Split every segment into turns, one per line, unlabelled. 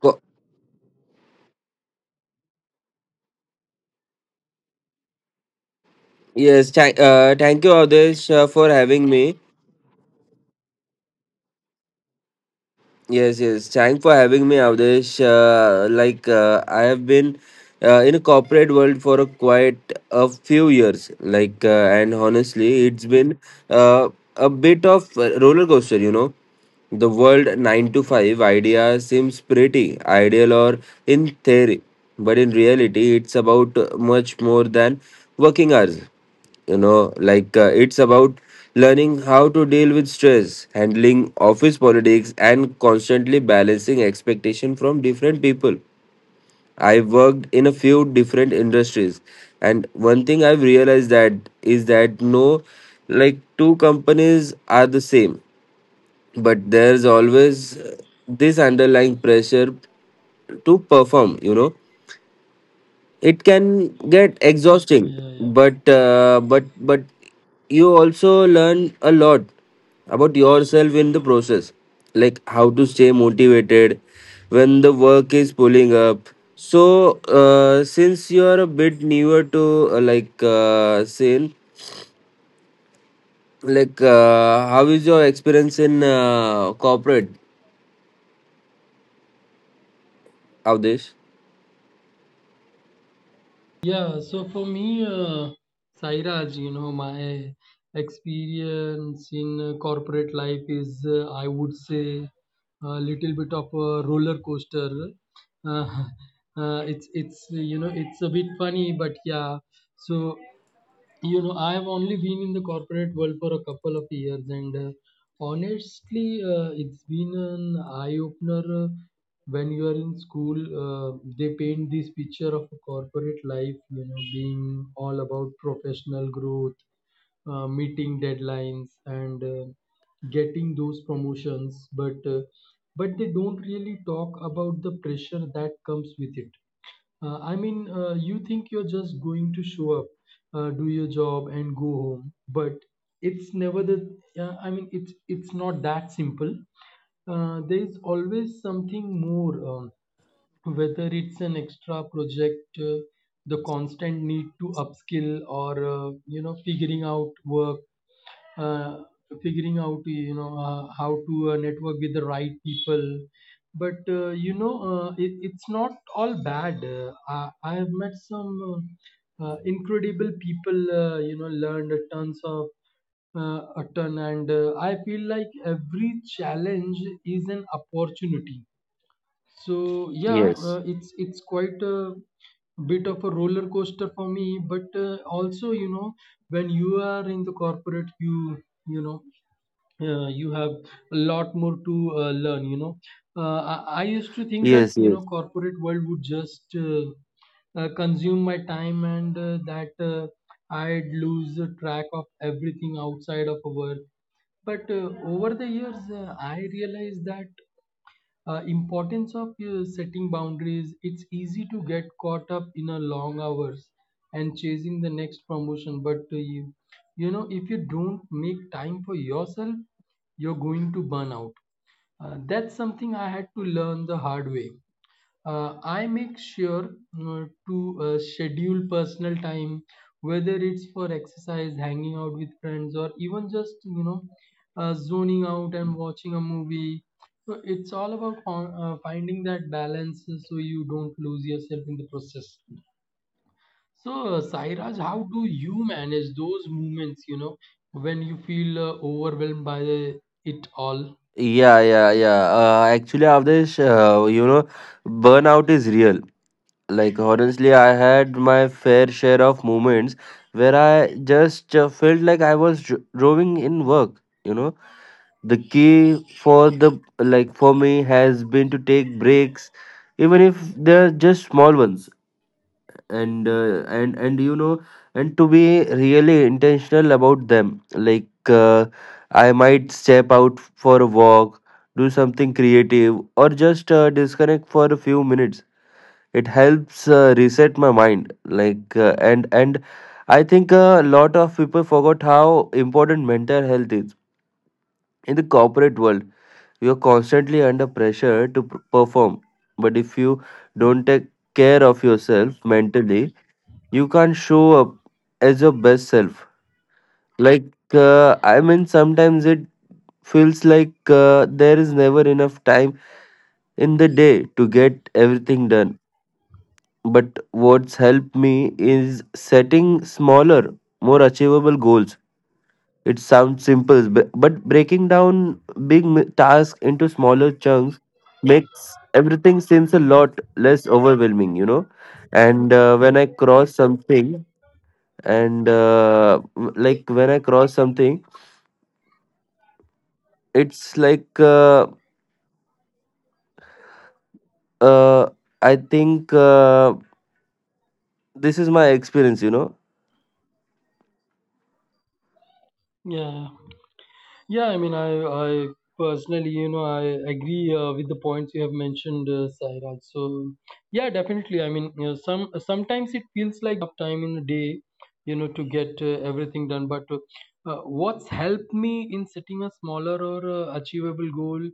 Co- thank you, Avdesh, for having me. Yes, thank for having me, Avdesh. I have been in a corporate world for a quite a few years and honestly it's been uh, a bit of a roller coaster. You know, the world 9 to 5 idea seems pretty ideal or in theory, but in reality it's about much more than working hours. You know, it's about learning how to deal with stress, handling office politics, and constantly balancing expectation from different people. I've worked in a few different industries, and one thing I've realized that is that no, like two companies are the same, but there's always this underlying pressure to perform. You know, it can get exhausting,
Yeah, yeah.
but you also learn a lot about yourself in the process, like how to stay motivated when the work is pulling up. So since you are a bit newer to scene, how is your experience in corporate, Avdesh?
Yeah, so for me, Sairaj, my experience in corporate life is, I would say, a little bit of a roller coaster. Uh, it's a bit funny, but yeah. So I've only been in the corporate world for a couple of years, and honestly, it's been an eye-opener. When you are in school, uh, they paint this picture of a corporate life, being all about professional growth, meeting deadlines, and getting those promotions, but they don't really talk about the pressure that comes with it. I mean, you think you're just going to show up, do your job, and go home, but it's never the. I mean, it's not that simple. There is always something more. Whether it's an extra project, the constant need to upskill, or figuring out work, uh, figuring out, how to network with the right people. But it's not all bad. I have met some incredible people. Learned tons of a ton, and I feel like every challenge is an opportunity, so yeah,
yes
it's quite a bit of a roller coaster for me. But also, you know, when you are in the corporate, you you have a lot more to learn. Uh, I, I used to think that
yes yes
corporate world would just consume my time and that I'd lose the track of everything outside of work. But over the years, I realized that importance of setting boundaries. It's easy to get caught up in a long hours and chasing the next promotion, but you know if you don't make time for yourself, you're going to burn out. That's something I had to learn the hard way. I make sure to schedule personal time, whether it's for exercise, hanging out with friends, or even just zoning out and watching a movie. So it's all about finding that balance, so you don't lose yourself in the process. So Sairaj, how do you manage those moments? You know when you feel overwhelmed by the, it all?
Yeah, yeah, yeah. Actually, Avdesh, you know, burnout is real. Like, honestly, I had my fair share of moments where I just felt like I was drowning in work. You know, the key for the like for me has been to take breaks, even if they're just small ones, and you know, and to be really intentional about them. I might step out for a walk, do something creative, or just disconnect for a few minutes. It helps reset my mind. And I think a lot of people forgot how important mental health is in the corporate world. You are constantly under pressure to perform, but if you don't take care of yourself mentally, you can't show up as your best self. Like uh, i mean, sometimes it feels like there is never enough time in the day to get everything done, but what's helped me is setting smaller, more achievable goals. It sounds simple, but breaking down big tasks into smaller chunks makes everything seems a lot less overwhelming, you know. And when I cross something and m- like when I cross something, it's like uh, I think this is my experience, you know.
Yeah. Yeah, I mean, I personally, I agree with the points you have mentioned, Sairaj. So, yeah, definitely. I mean, sometimes it feels like there's never enough time in a day, to get everything done. But what's helped me in setting a smaller or achievable goal.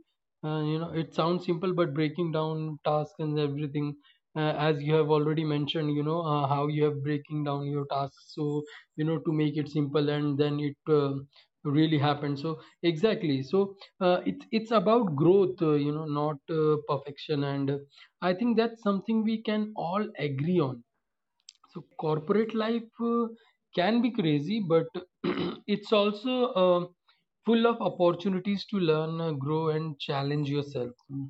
It sounds simple, but breaking down tasks and everything. As you have already mentioned, how you have breaking down your tasks, so to make it simple, and then it really happen. So exactly. So it's about growth, not perfection, and I think that's something we can all agree on. So corporate life can be crazy, but it's also uh, full of opportunities to learn, grow, and challenge yourself. Mm.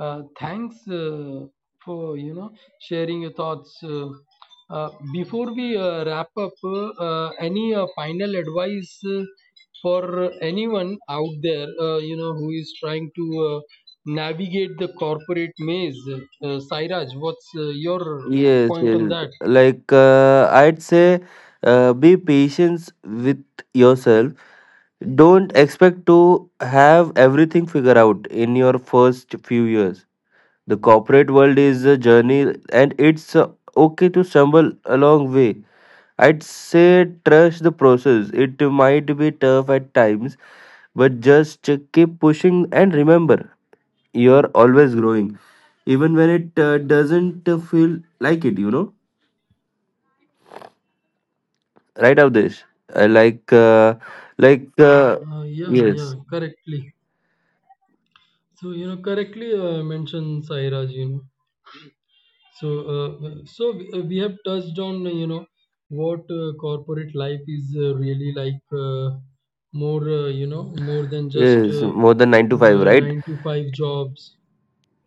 Thanks for sharing your thoughts. Before we wrap up, any final advice for anyone out there, who is trying to navigate the corporate maze? Sairaj, what's your
Yes,
point
yes.
on that?
Like I'd say be patient with yourself. Don't expect to have everything figured out in your first few years. The corporate world is a journey, and it's okay to stumble along way. I'd say trust the process. It might be tough at times, but just keep pushing, and remember, you're always growing, even when it doesn't feel like it. You know, right, Avdesh? I like, uh, like, uh,
Yeah, yeah,
yes,
correctly. So correctly mentioned, Sairaj. So so we have touched on what corporate life is really like, more more than just
yes, more than 9 to 5, right?
nine to five jobs.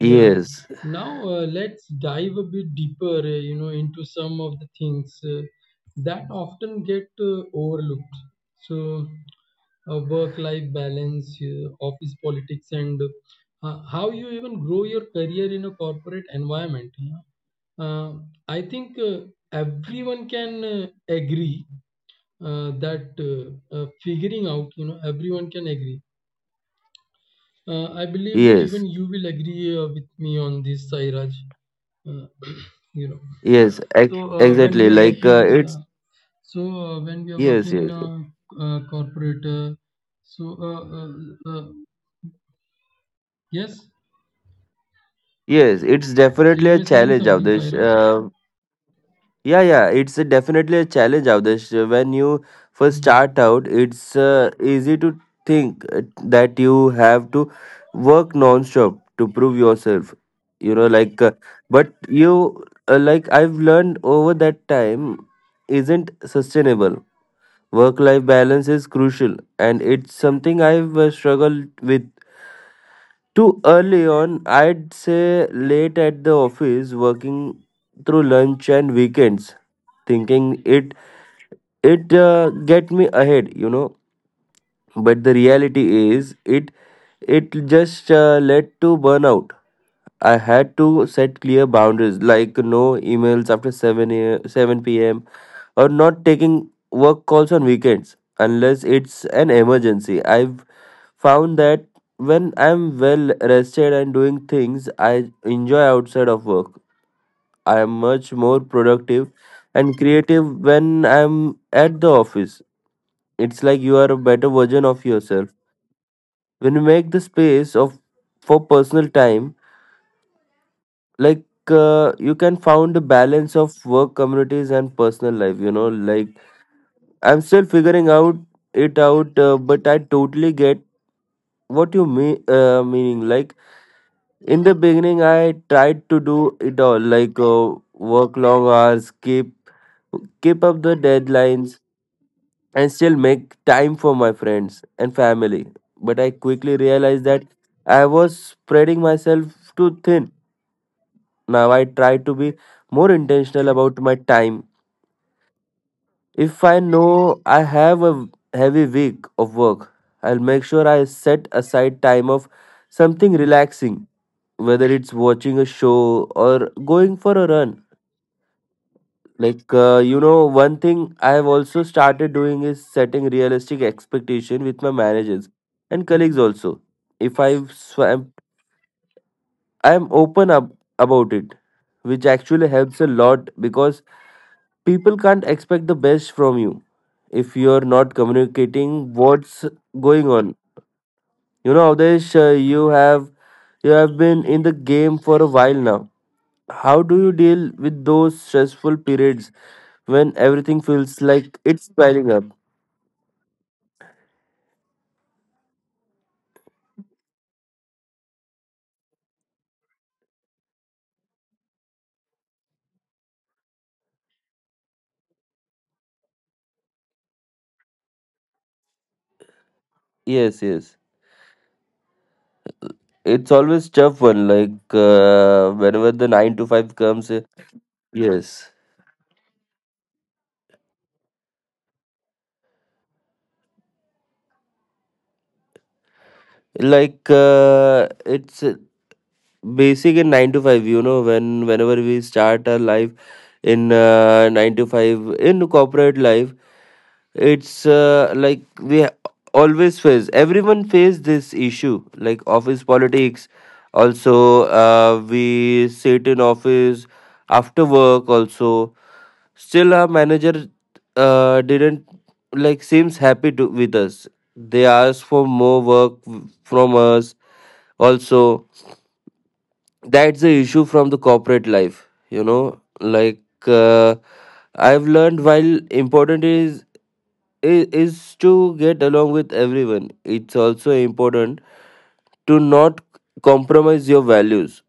Yeah. Now let's dive a bit deeper, into some of the things that often get overlooked. So, work-life balance, office politics, and how you even grow your career in a corporate environment. You know? I think everyone can agree that figuring out, you know, everyone can agree. I believe even
yes,
you will agree with me on this, Sairaj, uh, you know
yes,
when we
exactly.
are
Like
working yeah
it's
so uh, when we are
Yes,
working in
yes,
a corporate, so uh, uh, uh, yes,
yes. It's
so
definitely
you
a
were saying
challenge,
something,
Avdesh.
Sairaj.
Yeah, yeah, it's a definitely a challenge, Avdesh. When you first
Mm.
start out, it's easy to think that you have to work non-stop to prove yourself. You know, like, but you like I've learned over that time isn't sustainable. Work-life balance is crucial, and it's something I've struggled with too early on. I'd say late at the office, working through lunch and weekends, thinking it get me ahead, you know. But the reality is, it just led to burnout. I had to set clear boundaries, like no emails after seven p.m., or not taking work calls on weekends unless it's an emergency. I found that when I'm well rested and doing things I enjoy outside of work, I am much more productive and creative when I'm at the office. It's like you are a better version of yourself when you make the space of for personal time. like you can found a balance of work communities and personal life, you know. Like, I'm still figuring out it out, but I totally get what you mean, meaning like, in the beginning, I tried to do it all, like work long hours, keep up the deadlines, and still make time for my friends and family. But I quickly realized that I was spreading myself too thin. Now I try to be more intentional about my time. If I know I have a heavy week of work, I'll make sure I set aside time of something relaxing, whether it's watching a show or going for a run. Like, you know, one thing I have also started doing is setting realistic expectation with my managers and colleagues also. If I've swam, I'm open up about it, which actually helps a lot, because people can't expect the best from you if you're not communicating what's going on. You know, Avdesh, you have been in the game for a while now. How do you deal with those stressful periods when everything feels like it's piling up? Yes, yes. It's always tough one, whenever the 9 to 5 comes. Yes. It's basic in 9 to 5, you know. Whenever we start our life in 9 to 5 in corporate life, it's like we always face, everyone face this issue, like office politics also. We sit in office after work also, still our manager didn't like seems happy to with us. They ask for more work from us also. That's the issue from the corporate life, you know. Like I've learned while important is is to get along with everyone. It's also important to not compromise your values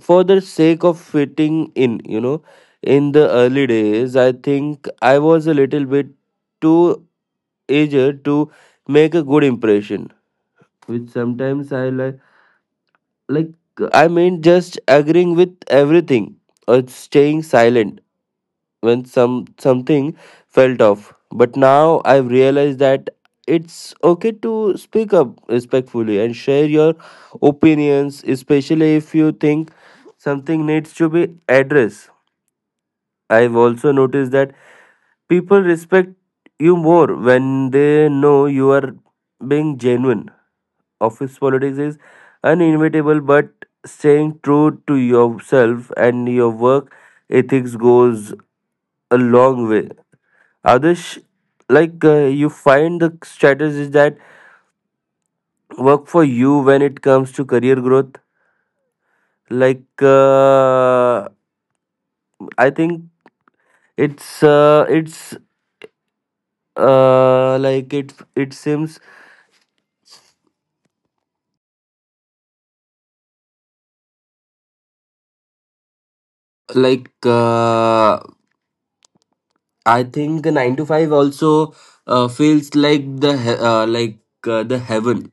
for the sake of fitting in, you know. In the early days, I think I was a little bit too eager to make a good impression, which sometimes I like. Like, I mean, just agreeing with everything or staying silent when something felt off. But now I've realized that it's okay to speak up respectfully and share your opinions, especially if you think something needs to be addressed. I've also noticed that people respect you more when they know you are being genuine. Office politics is uninevitable, but staying true to yourself and your work ethics goes a long way. Adesh, you find the strategies that work for you when it comes to career growth. Like uh, I think it's like it seems
like uh, I think 9 to 5 also feels like the heaven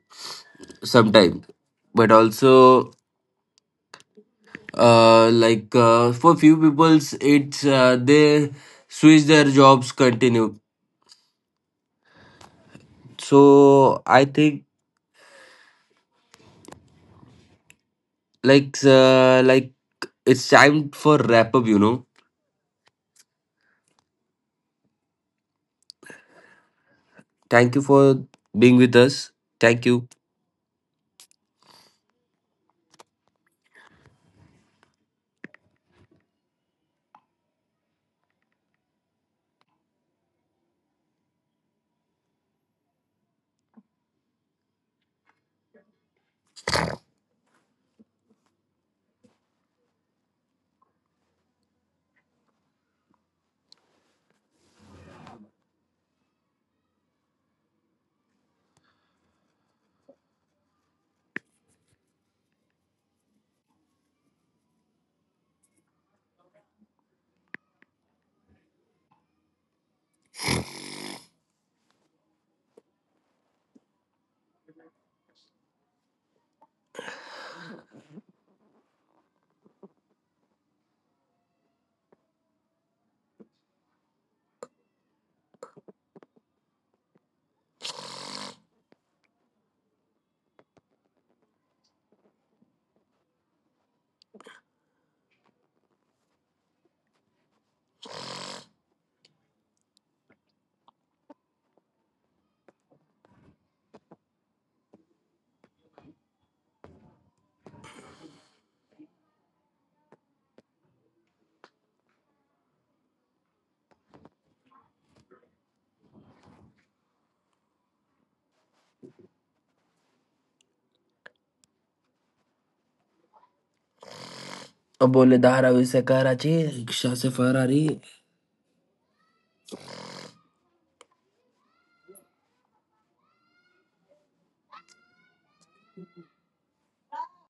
sometimes, but also for few peoples it's they switch their jobs continue. So I think like uh, like it's time for wrap up. You know, thank you for being with us. Thank you. अब बोले धारावी से Karachi rickshaw से Ferrari